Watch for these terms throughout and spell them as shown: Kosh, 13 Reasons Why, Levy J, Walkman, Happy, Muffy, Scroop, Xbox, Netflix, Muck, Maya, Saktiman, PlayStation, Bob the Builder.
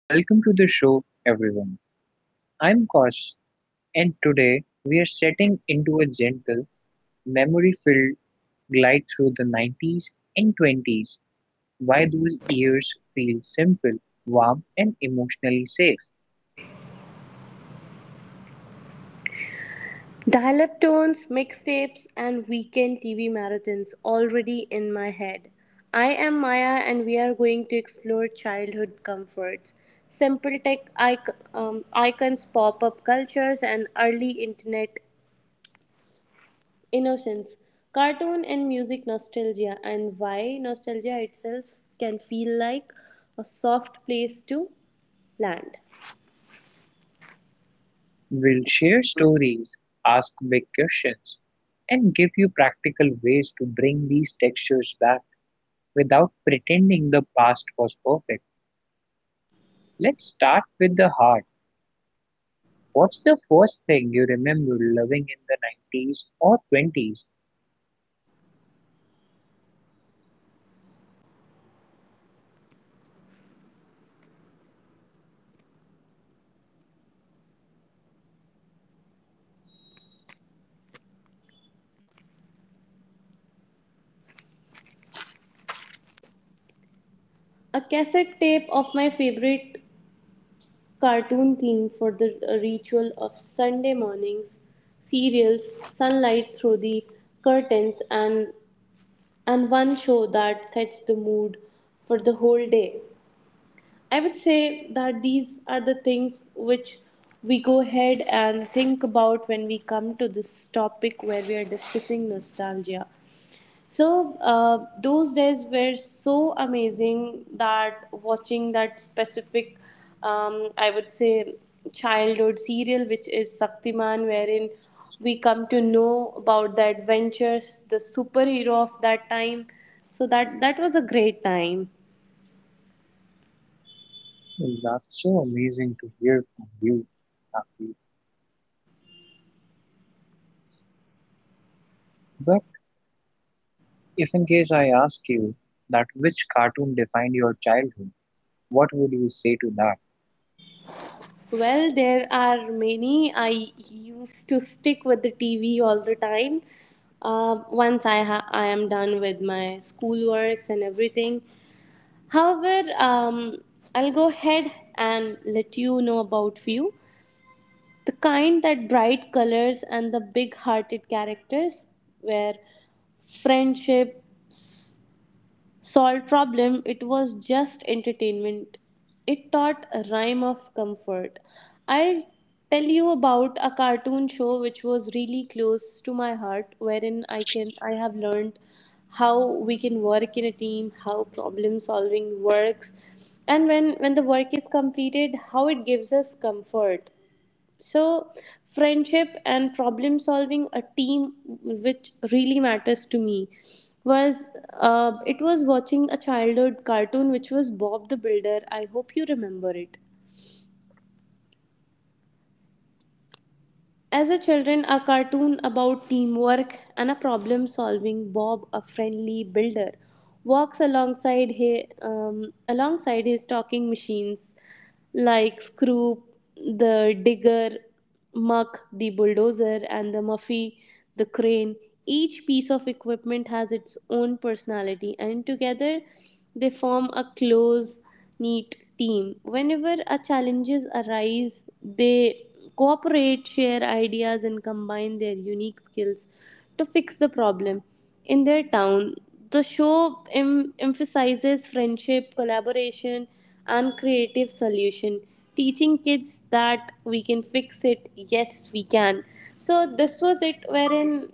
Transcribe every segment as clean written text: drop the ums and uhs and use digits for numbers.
Welcome to the show, everyone. I'm Kosh, and today we are setting into a gentle, memory filled glide through the 90s and 20s. Why those years feel simple, warm, and emotionally safe. Dial up tones, mixtapes, and weekend TV marathons already in my head. I am Maya, and we are going to explore childhood comforts, simple tech icons, pop up cultures, and early internet innocence, cartoon and music nostalgia, and why nostalgia itself can feel like a soft place to land. We'll share stories, ask big questions, and give you practical ways to bring these textures back without pretending the past was perfect. Let's start with the heart. What's the first thing you remember loving in the 90s or 20s? A cassette tape of my favorite cartoon theme for the ritual of Sunday mornings, serials, sunlight through the curtains, and one show that sets the mood for the whole day. I would say that these are the things which we go ahead and think about when we come to this topic where we are discussing nostalgia. So those days were so amazing that watching that specific, I would say, childhood serial, which is Saktiman, wherein we come to know about the adventures, the superhero of that time. So that was a great time. Well, that's so amazing to hear from you, Happy. But if in case I ask you that which cartoon defined your childhood, what would you say to that? Well, there are many. I used to stick with the TV all the time. Once I am done with my schoolworks and everything. However, I'll go ahead and let you know about View, the kind that bright colors and the big hearted characters where friendship, solved problem, it was just entertainment, it taught a rhyme of comfort. I'll tell you about a cartoon show which was really close to my heart wherein I have learned how we can work in a team, how problem solving works, and when the work is completed, how it gives us comfort. So friendship and problem solving, a team which really matters to me, was, it was watching a childhood cartoon which was Bob the Builder. I hope you remember it. As a children, a cartoon about teamwork and a problem solving Bob, a friendly builder, walks alongside his, alongside his talking machines like Scroop, the digger, Muck, the bulldozer, and the Muffy, the crane. Each piece of equipment has its own personality, and together they form a close neat team. Whenever a challenges arise, they cooperate, share ideas, and combine their unique skills to fix the problem. In their town, the show emphasizes friendship, collaboration, and creative solution, teaching kids that we can fix it. Yes, we can. So this was it, wherein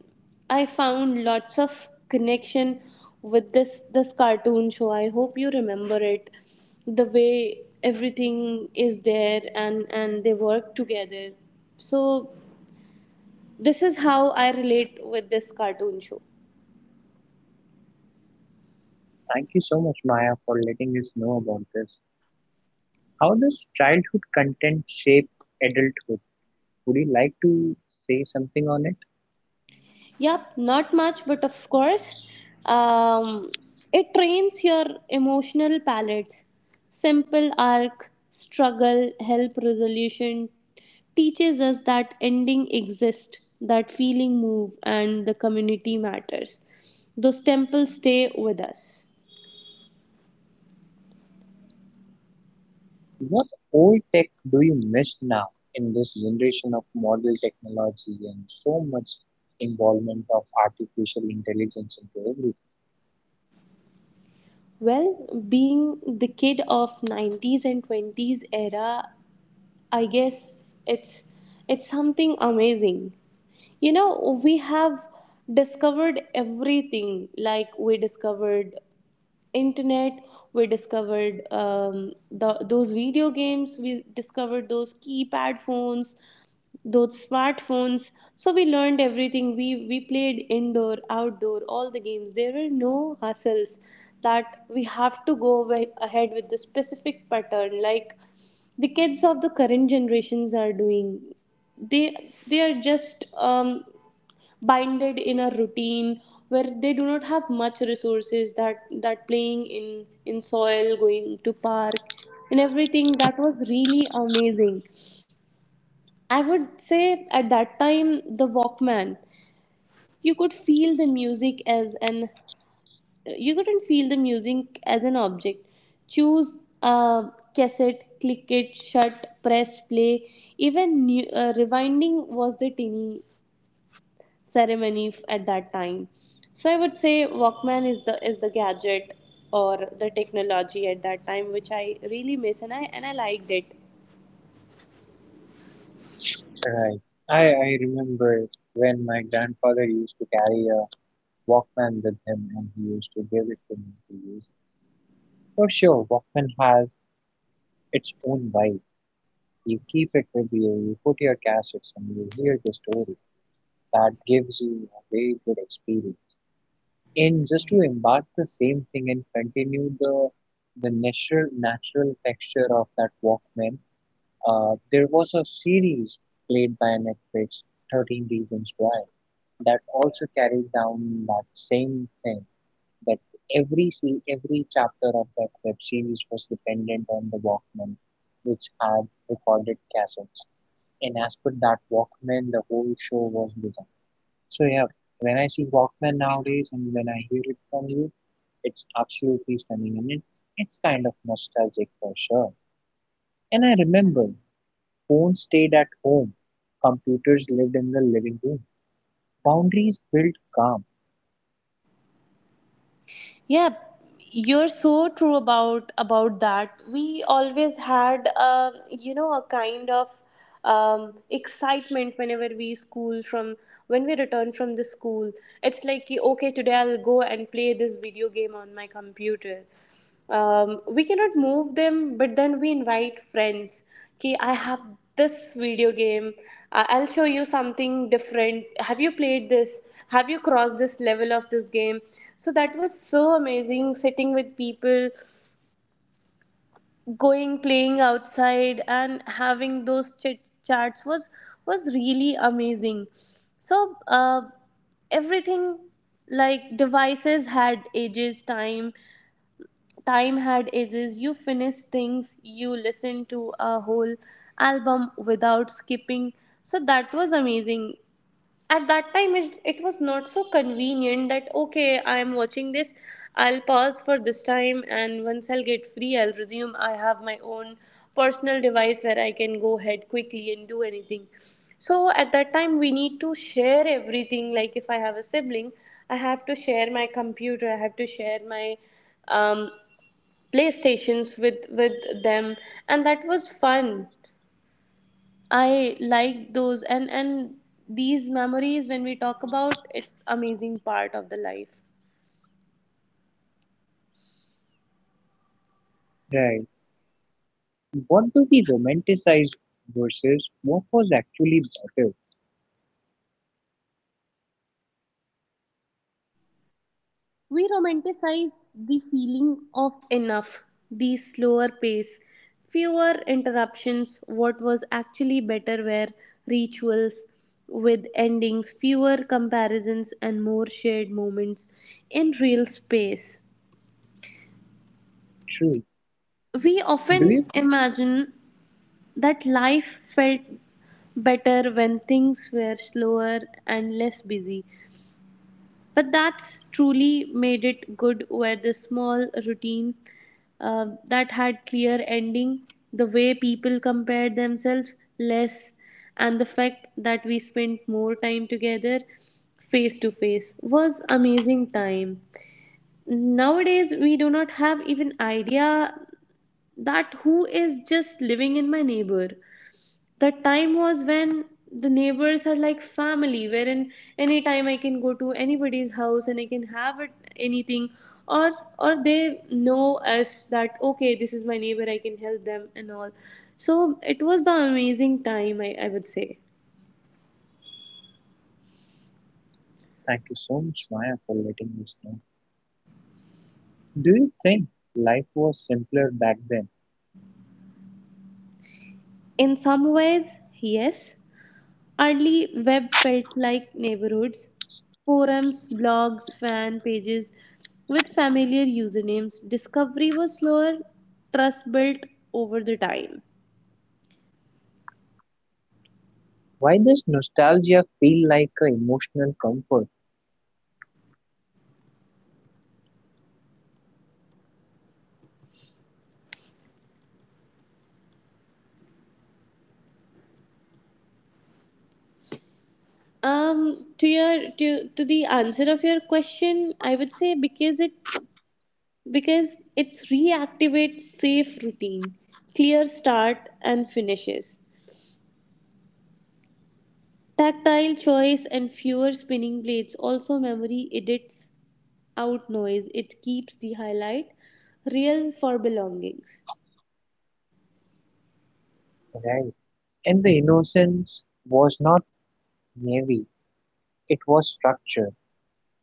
I found lots of connection with this cartoon show. I hope you remember it. The way everything is there and they work together. So this is how I relate with this cartoon show. Thank you so much, Maya, for letting us know about this. How does childhood content shape adulthood? Would you like to say something on it? Yup, not much, but of course, um, it trains your emotional palates. Simple arc, struggle, help resolution teaches us that ending exists, that feeling move, and the community matters. Those temples stay with us. What old tech do you miss now in this generation of modern technology and so much involvement of artificial intelligence into everything? Well, being the kid of 90s and 20s era, I guess it's something amazing. You know, we have discovered everything. Like, we discovered internet, we discovered the, those video games, we discovered those keypad phones, those smartphones. So we learned everything, we played indoor outdoor all the games. There were no hustles that we have to go way ahead with the specific pattern like the kids of the current generations are doing. They are just binded in a routine where they do not have much resources, that playing in soil, going to park and everything, that was really amazing, I would say. At that time, the Walkman, you could feel the music as an, you couldn't feel the music as an object. Choose a cassette, click it shut, press play, even new, rewinding was the tiny ceremony at that time. So I would say Walkman is the gadget or the technology at that time which I really miss and I liked it. Right. I remember when my grandfather used to carry a Walkman with him and he used to give it to me to use. For sure, Walkman has its own vibe. You keep it with you, you put your cassettes and you hear the story. That gives you a very good experience. And just to embark the same thing and continue the natural texture of that Walkman, there was a series played by Netflix, 13 Reasons Why, that also carried down that same thing. That every chapter of that web series was dependent on the Walkman, which had recorded cassettes. And as per that Walkman, the whole show was designed. So yeah, when I see Walkman nowadays and when I hear it from you, it's absolutely stunning and it's kind of nostalgic for sure. And I remember phones stayed at home, computers lived in the living room, boundaries built calm. Yeah, you're so true about that. We always had you know, a kind of excitement whenever we school from when we return from the school. It's like, okay, today I'll go and play this video game on my computer, we cannot move them, but then we invite friends ki I have this video game, I'll show you something different. Have you played this? Have you crossed this level of this game? So that was so amazing, sitting with people, going playing outside and having those chit chats was really amazing. So uh, everything like devices had ages, time had ages, you finish things, you listen to a whole album without skipping. So that was amazing at that time. It was not so convenient that okay, I'm watching this, I'll pause for this time and once I'll get free, I'll resume. I have my own personal device where I can go ahead quickly and do anything. So at that time we need to share everything. Like, if I have a sibling, I have to share my computer, I have to share my um, playstations with them, and that was fun. I liked those. And these memories, when we talk about, it's amazing part of the life. Right. What do we romanticize versus what was actually better? We romanticize the feeling of enough, the slower pace, fewer interruptions. What was actually better were rituals with endings, fewer comparisons, and more shared moments in real space. True. We Do you often imagine that life felt better when things were slower and less busy. But that's truly made it good were the small routine that had clear ending, the way people compared themselves less, and the fact that we spent more time together face to face was amazing time. Nowadays, we do not have even idea that who is just living in my neighbor. That time was when the neighbors are like family, wherein anytime I can go to anybody's house and I can have it, anything, or they know us that okay, this is my neighbor, I can help them and all. So it was the amazing time, I would say. Thank you so much, Maya, for letting us know. Do you think life was simpler back then? In some ways, yes. Early web felt like neighborhoods, forums, blogs, fan pages with familiar usernames. Discovery was slower, trust built over the time. Why does nostalgia feel like an emotional comfort? To your to the answer of your question, I would say because it reactivates safe routine, clear start and finishes. Tactile choice and fewer spinning plates, also memory edits out noise, it keeps the highlight real for belongings. Right. And the innocence was not heavy. It was structured,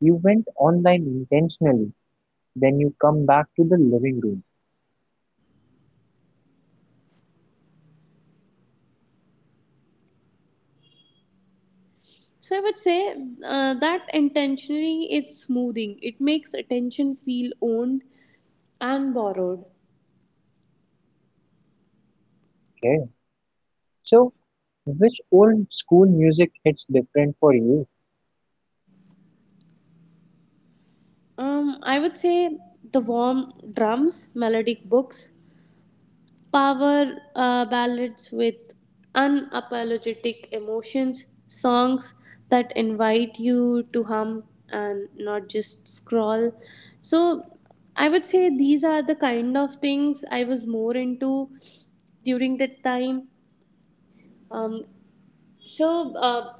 you went online intentionally, then you come back to the living room. So I would say that intentionally is smoothing. It makes attention feel owned and borrowed. Okay. So, which old school music hits different for you? I would say the warm drums, melodic books, power ballads with unapologetic emotions, songs that invite you to hum and not just scroll. So, I would say these are the kind of things I was more into during that time. Um, so, uh,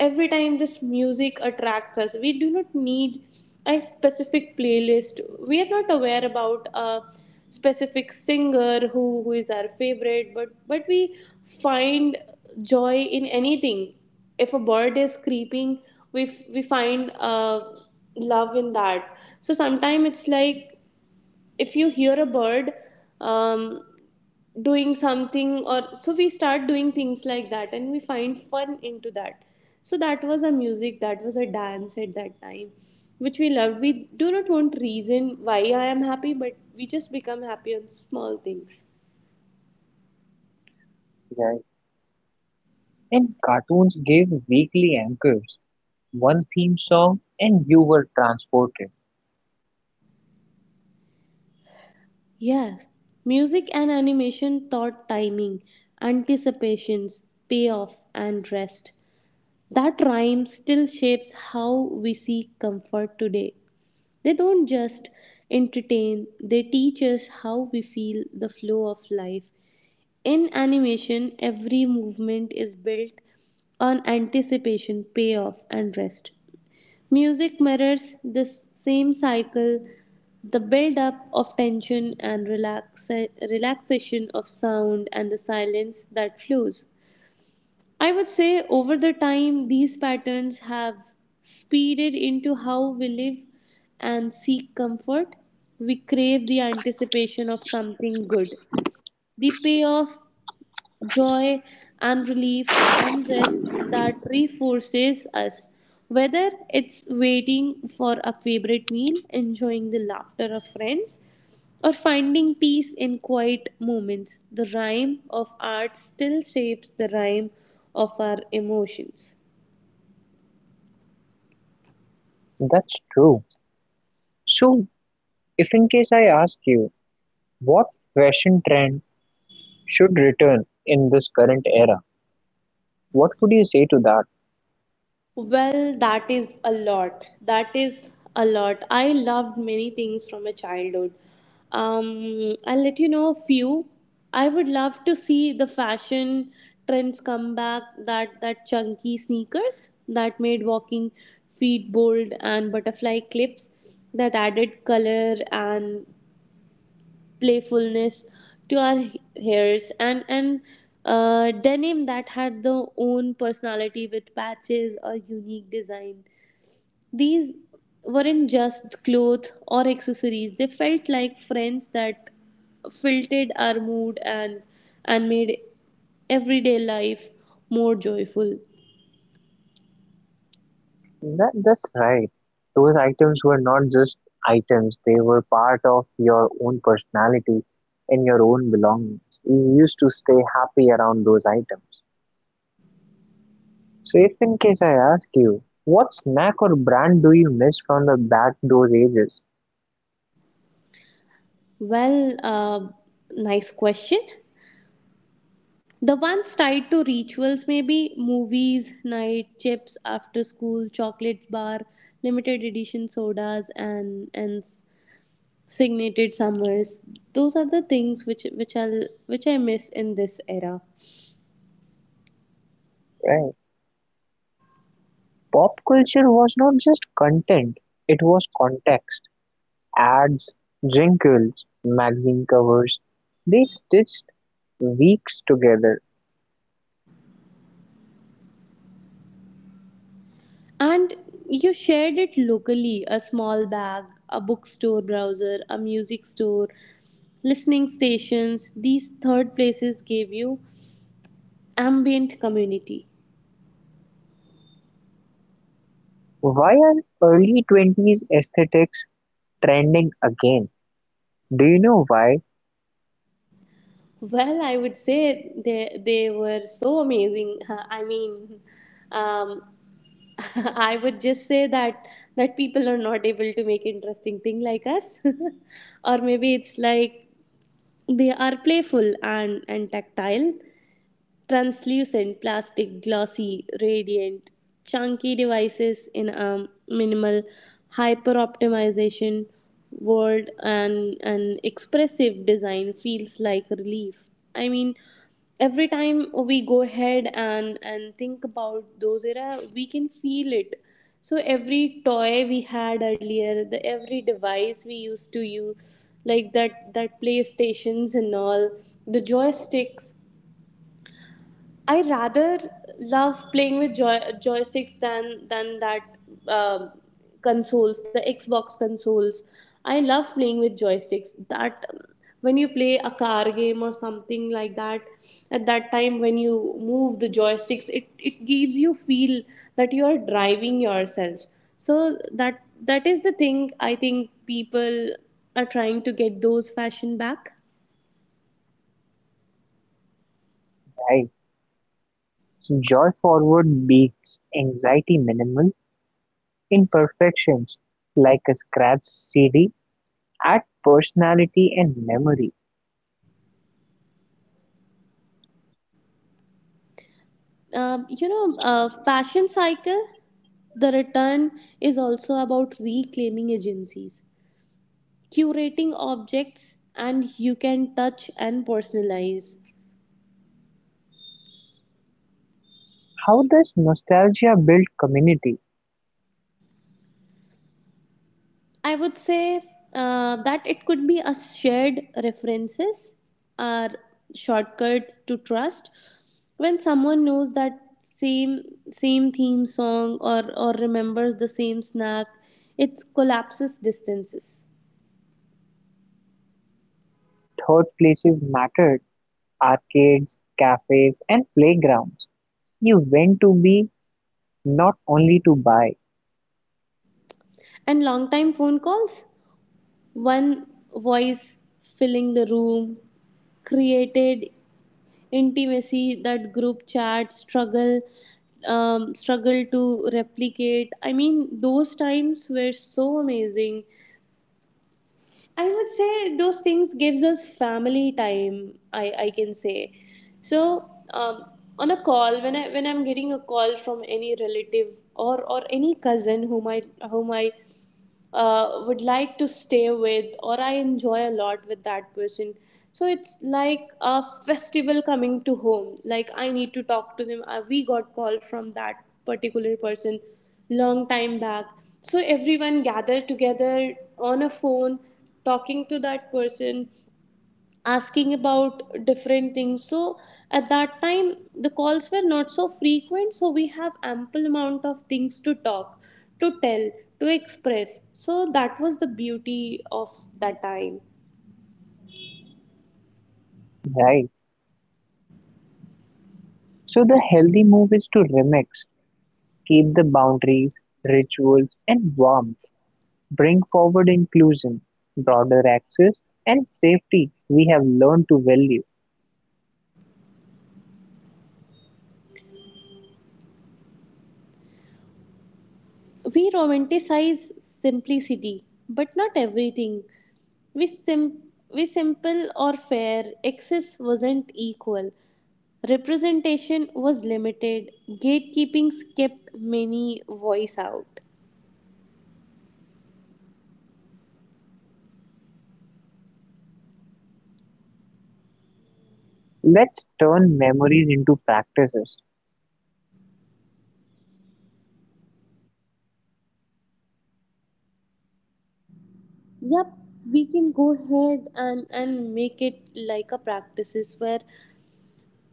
every time this music attracts us, we do not need a specific playlist, we are not aware about a specific singer who, is our favorite, but we find joy in anything. If a bird is creeping, we find love in that. So sometimes it's like if you hear a bird um, doing something or so, we start doing things like that and we find fun into that. So that was a music, that was a dance at that time which we loved. We do not want reason why I am happy, but we just become happy on small things. Right. And cartoons gave weekly anchors, one theme song, and you were transported. Yes, music and animation taught timing, anticipations, payoff, and rest. That rhyme still shapes how we seek comfort today. They don't just entertain, they teach us how we feel the flow of life. In animation, every movement is built on anticipation, payoff, and rest. Music mirrors this same cycle, the build up of tension and relaxation of sound and the silence that flows. I would say over the time, these patterns have speeded into how we live and seek comfort. We crave the anticipation of something good, the payoff joy and relief and rest that reinforces us. Whether it's waiting for a favorite meal, enjoying the laughter of friends, or finding peace in quiet moments, the rhyme of art still shapes the rhyme of our emotions. That's true. So, if in case I ask you, what fashion trend should return in this current era? What would you say to that? Well, that is a lot. That is a lot. I loved many things from my childhood. I'll let you know a few. I would love to see the fashion trends come back. That chunky sneakers that made walking feet bold, and butterfly clips that added color and playfulness to our hairs, and denim that had their own personality with patches or unique design. These weren't just clothes or accessories, they felt like friends that filtered our mood and made everyday life more joyful. That's right. Those items were not just items, they were part of your own personality and your own belongings. You used to stay happy around those items. So, if in case I ask you, what snack or brand do you miss from the back those ages? Well, uh, nice question. The ones tied to rituals, may be movies, night, chips after school, chocolates bar, limited edition sodas, and signated summers. Those are the things which which I miss in this era. Right. Pop culture was not just content, it was context. Ads, jingles, magazine covers, they stitched weeks together. And you shared it locally: a small bag, a bookstore browser, a music store, listening stations. These third places gave you ambient community. Why are early 20s aesthetics trending again? Do you know why? Well, I would say they were so amazing. I mean, um, I would just say that people are not able to make interesting thing like us, or maybe it's like they are playful and tactile, translucent, plastic, glossy, radiant, chunky devices in a minimal hyper optimization world, and an expressive design feels like relief. I mean, every time we go ahead and think about those era, we can feel it. So every toy we had earlier, the every device we used to use, like that playstations and all, the joysticks. I rather love playing with joysticks than that um consoles, the Xbox consoles. I love playing with joysticks. That When you play a car game or something like that, at that time when you move the joysticks, it gives you feel that you are driving yourself. So that is the thing I think people are trying to get those fashion back. I joy forward beats anxiety minimal imperfections like a scratch CD add personality and memory. Fashion cycle. The return is also about reclaiming agencies, curating objects, and you can touch and personalize. How does nostalgia build community? I would say that it could be a shared references or shortcuts to trust. When someone knows that same theme song or remembers the same snack, it collapses distances. Thought places mattered, arcades, cafes and playgrounds. You went to be not only to buy, And long time phone calls. One voice filling the room created intimacy that group chats struggle to replicate. I mean, those times were so amazing. I would say those things gives us family time. I can say, so um, on a call, when I'm getting a call from any relative or any cousin whom I would like to stay with, or I enjoy a lot with that person. So it's like a festival coming to home. Like I need to talk to them. We got call from that particular person long time back. So everyone gathered together on a phone, talking to that person, asking about different things. So at that time the calls were not so frequent, so we have ample amount of things to talk, to tell, to express. So that was the beauty of that time. right? So the healthy move is to remix. Keep the boundaries, rituals and warmth, bring forward inclusion, broader access and safety we have learned to value. We romanticize simplicity, but not everything. We, sim- we simple or fair, access wasn't equal. Representation was limited, gatekeepings kept many voice out. Let's turn memories into practices. Yep, we can go ahead and make it like a practices where,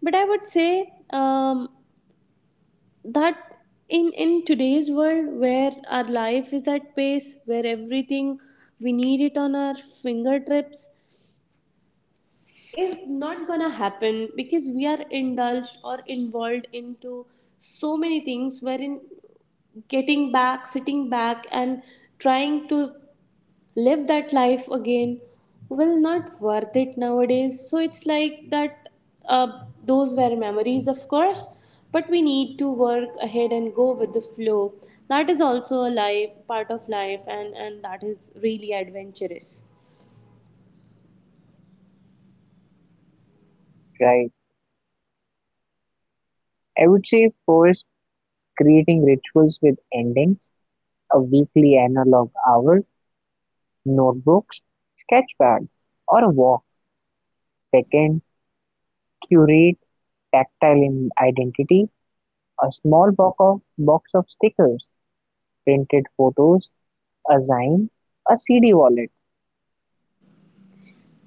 but I would say that in today's world where our life is at pace, where everything we need it on our fingertips, is not gonna happen, because we are indulged or involved into so many things, wherein getting back, sitting back and trying to live that life again, well, not worth it nowadays. So it's like that. uh, those were memories, of course. But we need to work ahead and go with the flow. That is also a life, part of life, and that is really adventurous. Right. I would say first creating rituals with endings, a weekly analog hour, notebooks, sketchpad, or a walk. Second, curate tactile identity, a small box of stickers, printed photos, assign a CD wallet;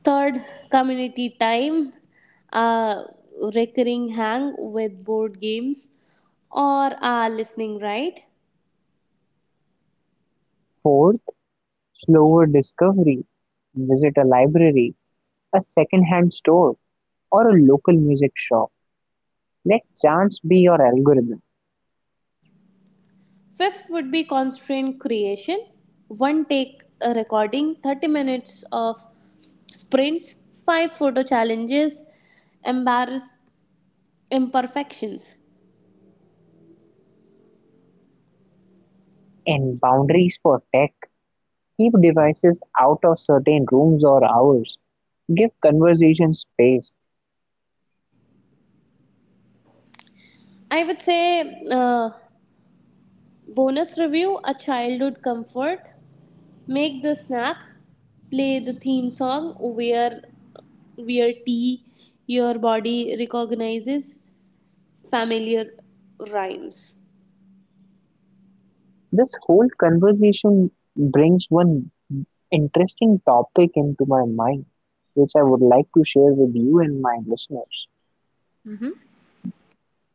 Third, community time, a recurring hang with board games or are listening, right. fourth, slower discovery; visit a library, a second-hand store, or a local music shop. Let chance be your algorithm. Fifth would be constraint creation. One take recording, 30 minutes of sprints, five photo challenges, embarrass imperfections. And boundaries for tech. Keep devices out of certain rooms or hours. Give conversation space. I would say bonus review, a childhood comfort, make the snack, play the theme song, wear tea, your body recognizes familiar rhymes. This whole conversation brings one interesting topic into my mind, which I would like to share with you and my listeners.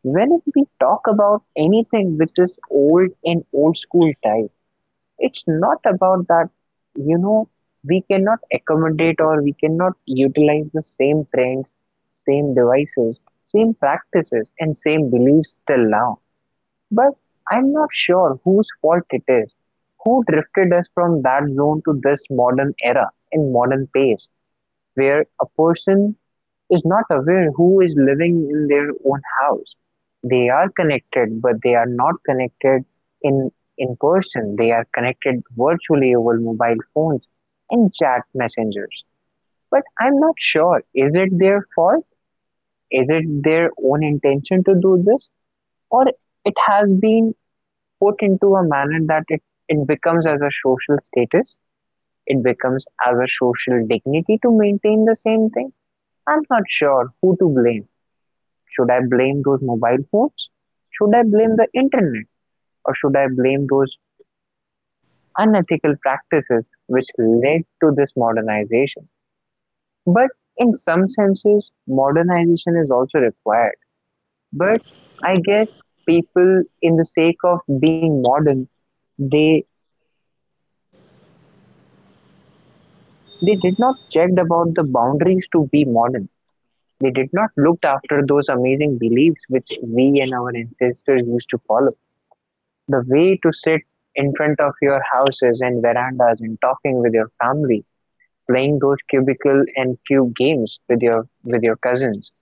When we talk about anything which is old in old school type, it's not about that, you know, we cannot accommodate or we cannot utilize the same trends, same devices, same practices, and same beliefs till now. But I'm not sure whose fault it is. Who drifted us from that zone to this modern era and modern pace where a person is not aware who is living in their own house. They are connected, but they are not connected in, in person. They are connected virtually over mobile phones and chat messengers. But I'm not sure is it their fault? Is it their own intention to do this? Or it has been put into a manner that it becomes as a social status, it becomes as a social dignity to maintain the same thing? I'm not sure who to blame. Should I blame those mobile phones? Should I blame the internet? Or should I blame those unethical practices which led to this modernization? But in some senses, modernization is also required. But I guess people, in the sake of being modern, they they did not check about the boundaries to be modern. They did not looked after those amazing beliefs which we and our ancestors used to follow. The way to sit in front of your houses and verandas and talking with your family, playing those cubicle and cube games with your cousins,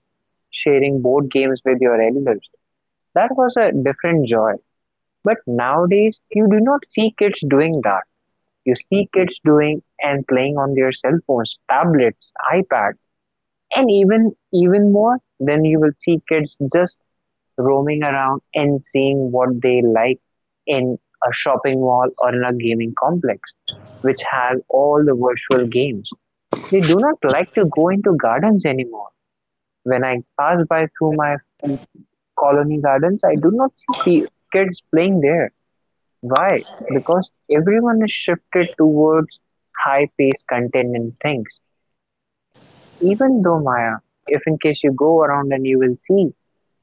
sharing board games with your elders. That was a different joy. But nowadays you do not see kids doing that. You see kids doing and playing on their cell phones, tablets, iPad, and even more then you will see kids just roaming around and seeing what they like in a shopping mall or in a gaming complex, which has all the virtual games. They do not like to go into gardens anymore. When I pass by through my colony gardens, I do not see kids playing there. Why? Because everyone is shifted towards high paced content and things. Even though Maya, if in case you go around and you will see,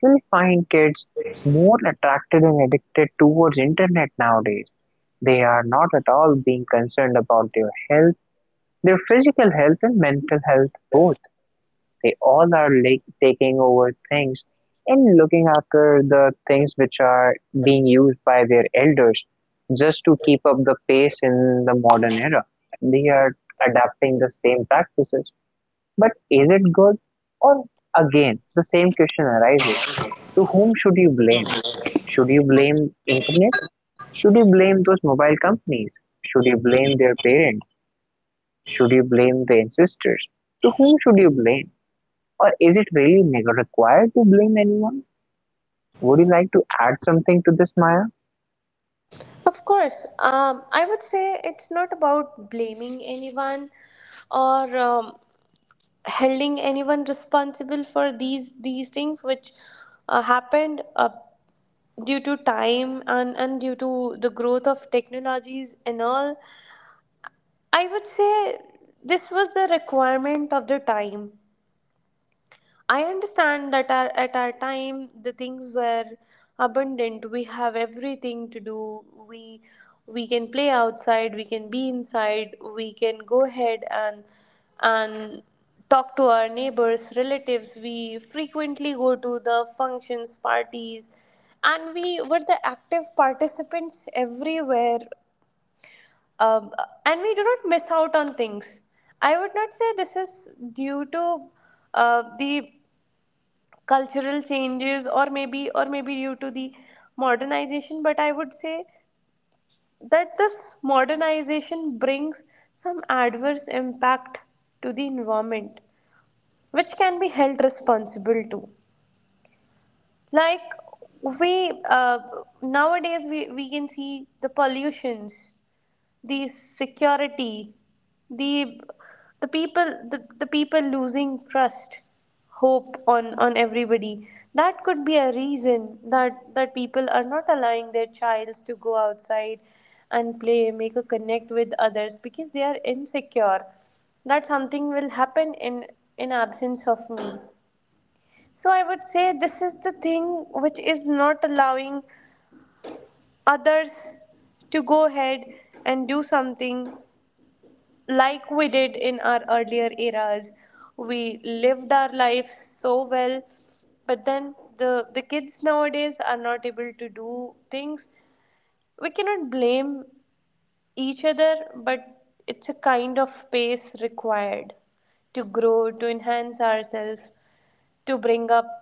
you'll find kids more attracted and addicted towards internet nowadays. They are not at all being concerned about their health, their physical health and mental health both. They all are like taking over things and looking after the things which are being used by their elders just to keep up the pace in the modern era. They are adapting the same practices but is it good? Or again, the same question arises. To whom should you blame? Should you blame internet? Should you blame those mobile companies? Should you blame their parents? Should you blame the ancestors? To whom should you blame? Or is it really required to blame anyone? Would you like to add something to this, Maya? Of course, I would say it's not about blaming anyone or holding anyone responsible for these things which happened due to time and due to the growth of technologies and all. I would say this was the requirement of the time. I understand that at our time the things were abundant. We have everything to do. We can play outside. We can be inside. We can go ahead and talk to our neighbors, relatives. We frequently go to the functions, parties, and we were the active participants everywhere. Um, and we do not miss out on things. I would not say this is due to the cultural changes, or maybe due to the modernization. But I would say that this modernization brings some adverse impact to the environment which can be held responsible to. Like we nowadays we can see the pollutions, the security, the the people, the people losing trust, hope on everybody. That could be a reason that people are not allowing their childs to go outside and play, make a connect with others, because they are insecure. That something will happen in absence of me. So I would say this is the thing which is not allowing others to go ahead and do something like we did in our earlier eras. We lived our life so well, but then the kids nowadays are not able to do things. We cannot blame each other, but it's a kind of pace required to grow, to enhance ourselves, to bring up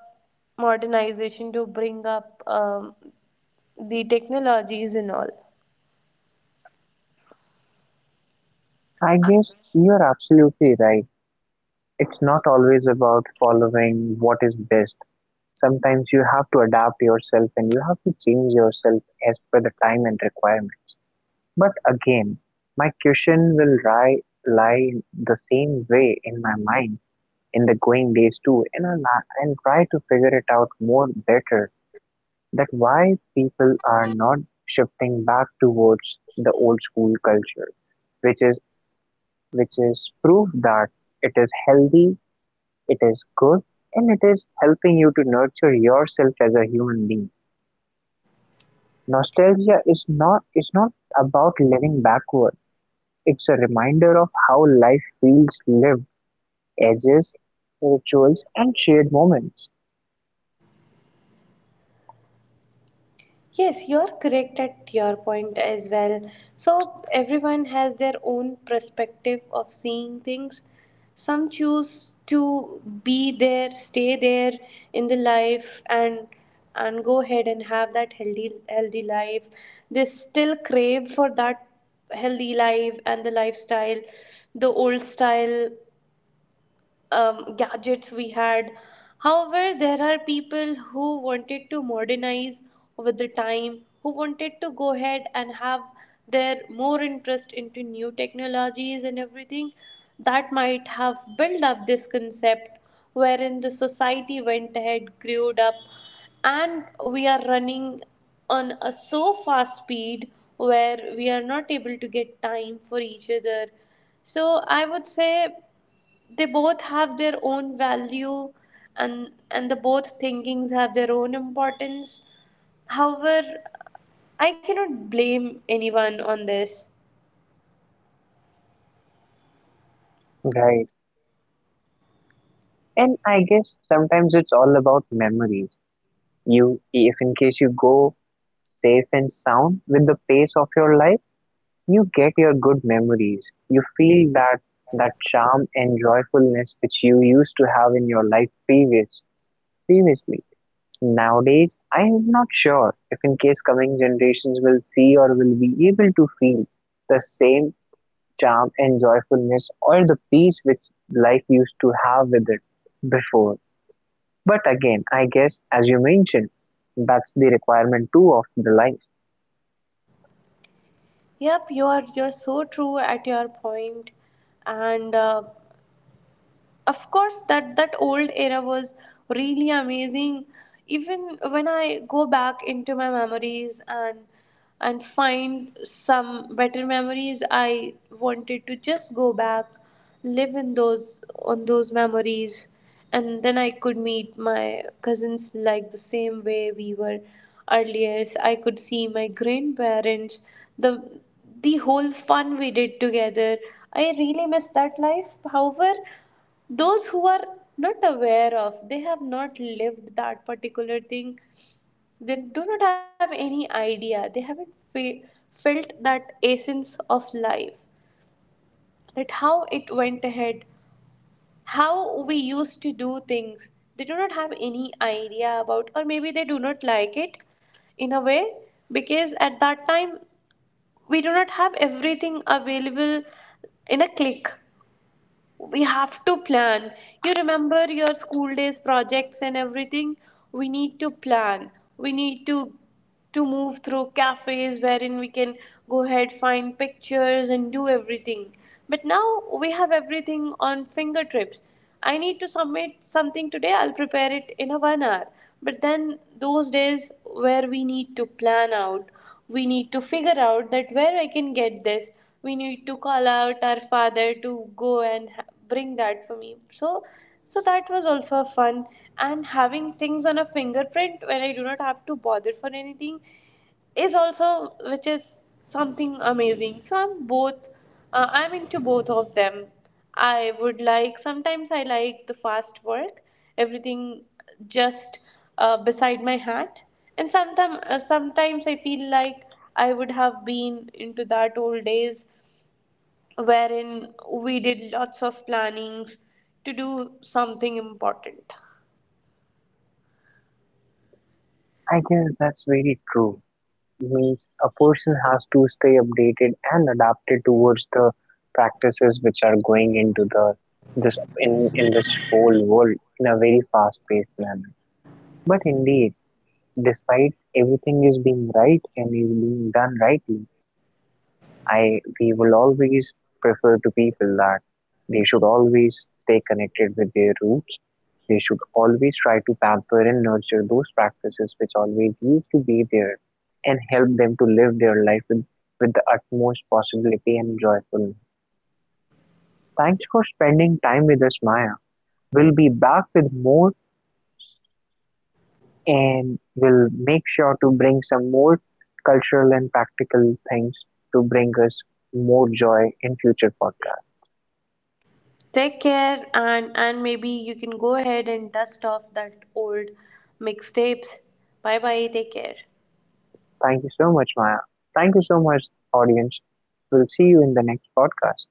modernization, to bring up the technologies and all. I guess you're absolutely right. It's not always about following what is best. Sometimes you have to adapt yourself and you have to change yourself as per the time and requirements. But again, my question will lie the same way in my mind in the going days too, and I'll, and try to figure it out more better that why people are not shifting back towards the old school culture, which is which is proof that it is healthy it is good and it is helping you to nurture yourself as a human being. Nostalgia is not about living backward. It's a reminder of how life feels lived, ages, rituals and shared moments. Yes, you're correct at your point as well. So, everyone has their own perspective of seeing things. Some choose to be there, stay there in the life, and go ahead and have that healthy life. They still crave for that healthy life and the lifestyle, the old style gadgets we had. However, there are people who wanted to modernize with the time, who wanted to go ahead and have their more interest into new technologies and everything, that might have built up this concept wherein the society went ahead, grew up, and we are running on a so fast speed where we are not able to get time for each other. So I would say they both have their own value, and the both thinkings have their own importance. However, I cannot blame anyone on this. Right. And I guess sometimes it's all about memories. You if in case you go safe and sound with the pace of your life. You get your good memories, you feel that that charm and joyfulness which you used to have in your life previously. Nowadays, I am not sure if in case coming generations will see or will be able to feel the same charm and joyfulness or the peace which life used to have with it before. But again, I guess as you mentioned, that's the requirement too of the life. Yep, you're so true at your point. And of course that old era was really amazing. Even when I go back into my memories and find some better memories, I wanted to just go back, live in those, on those memories, and then I could meet my cousins like the same way we were earlier. I could see my grandparents, the the whole fun we did together. I really miss that life. However, those who are not aware of, they have not lived that particular thing, they do not have any idea. They haven't felt that essence of life, that how it went ahead, how we used to do things. They do not have any idea about. Or maybe they do not like it in a way, because at that time we do not have everything available in a click. We have to plan. You remember your school days projects and everything? We need to plan. We need to move through cafes wherein we can go ahead, find pictures and do everything. But now we have everything on fingertips. I need to submit something today. I'll prepare it in a 1 hour. But then those days where we need to plan out, we need to figure out that where I can get this. We need to call out our father to go and bring that for me. So that was also a fun. And having things on a fingerprint when I do not have to bother for anything is also, which is something amazing. So I'm both, I'm into both of them. I would like, sometimes I like the fast work, everything just beside my hand. And sometimes I feel like I would have been into that old days wherein we did lots of plannings to do something important. I guess that's very true. Means a person has to stay updated and adapted towards the practices which are going into the this in this whole world in a very fast paced manner, but indeed despite everything is being right and is being done rightly, I we will always prefer to people that they should always stay connected with their roots. They should always try to pamper and nurture those practices which always used to be there and help them to live their life with the utmost possibility and joyfulness. Thanks for spending time with us, Maya. We'll be back with more and we'll make sure to bring some more cultural and practical things to bring us more joy in future podcasts. Take care, and maybe you can go ahead and dust off that old mixtapes. Bye bye, take care. Thank you so much, Maya. Thank you so much, audience. We'll see you in the next podcast.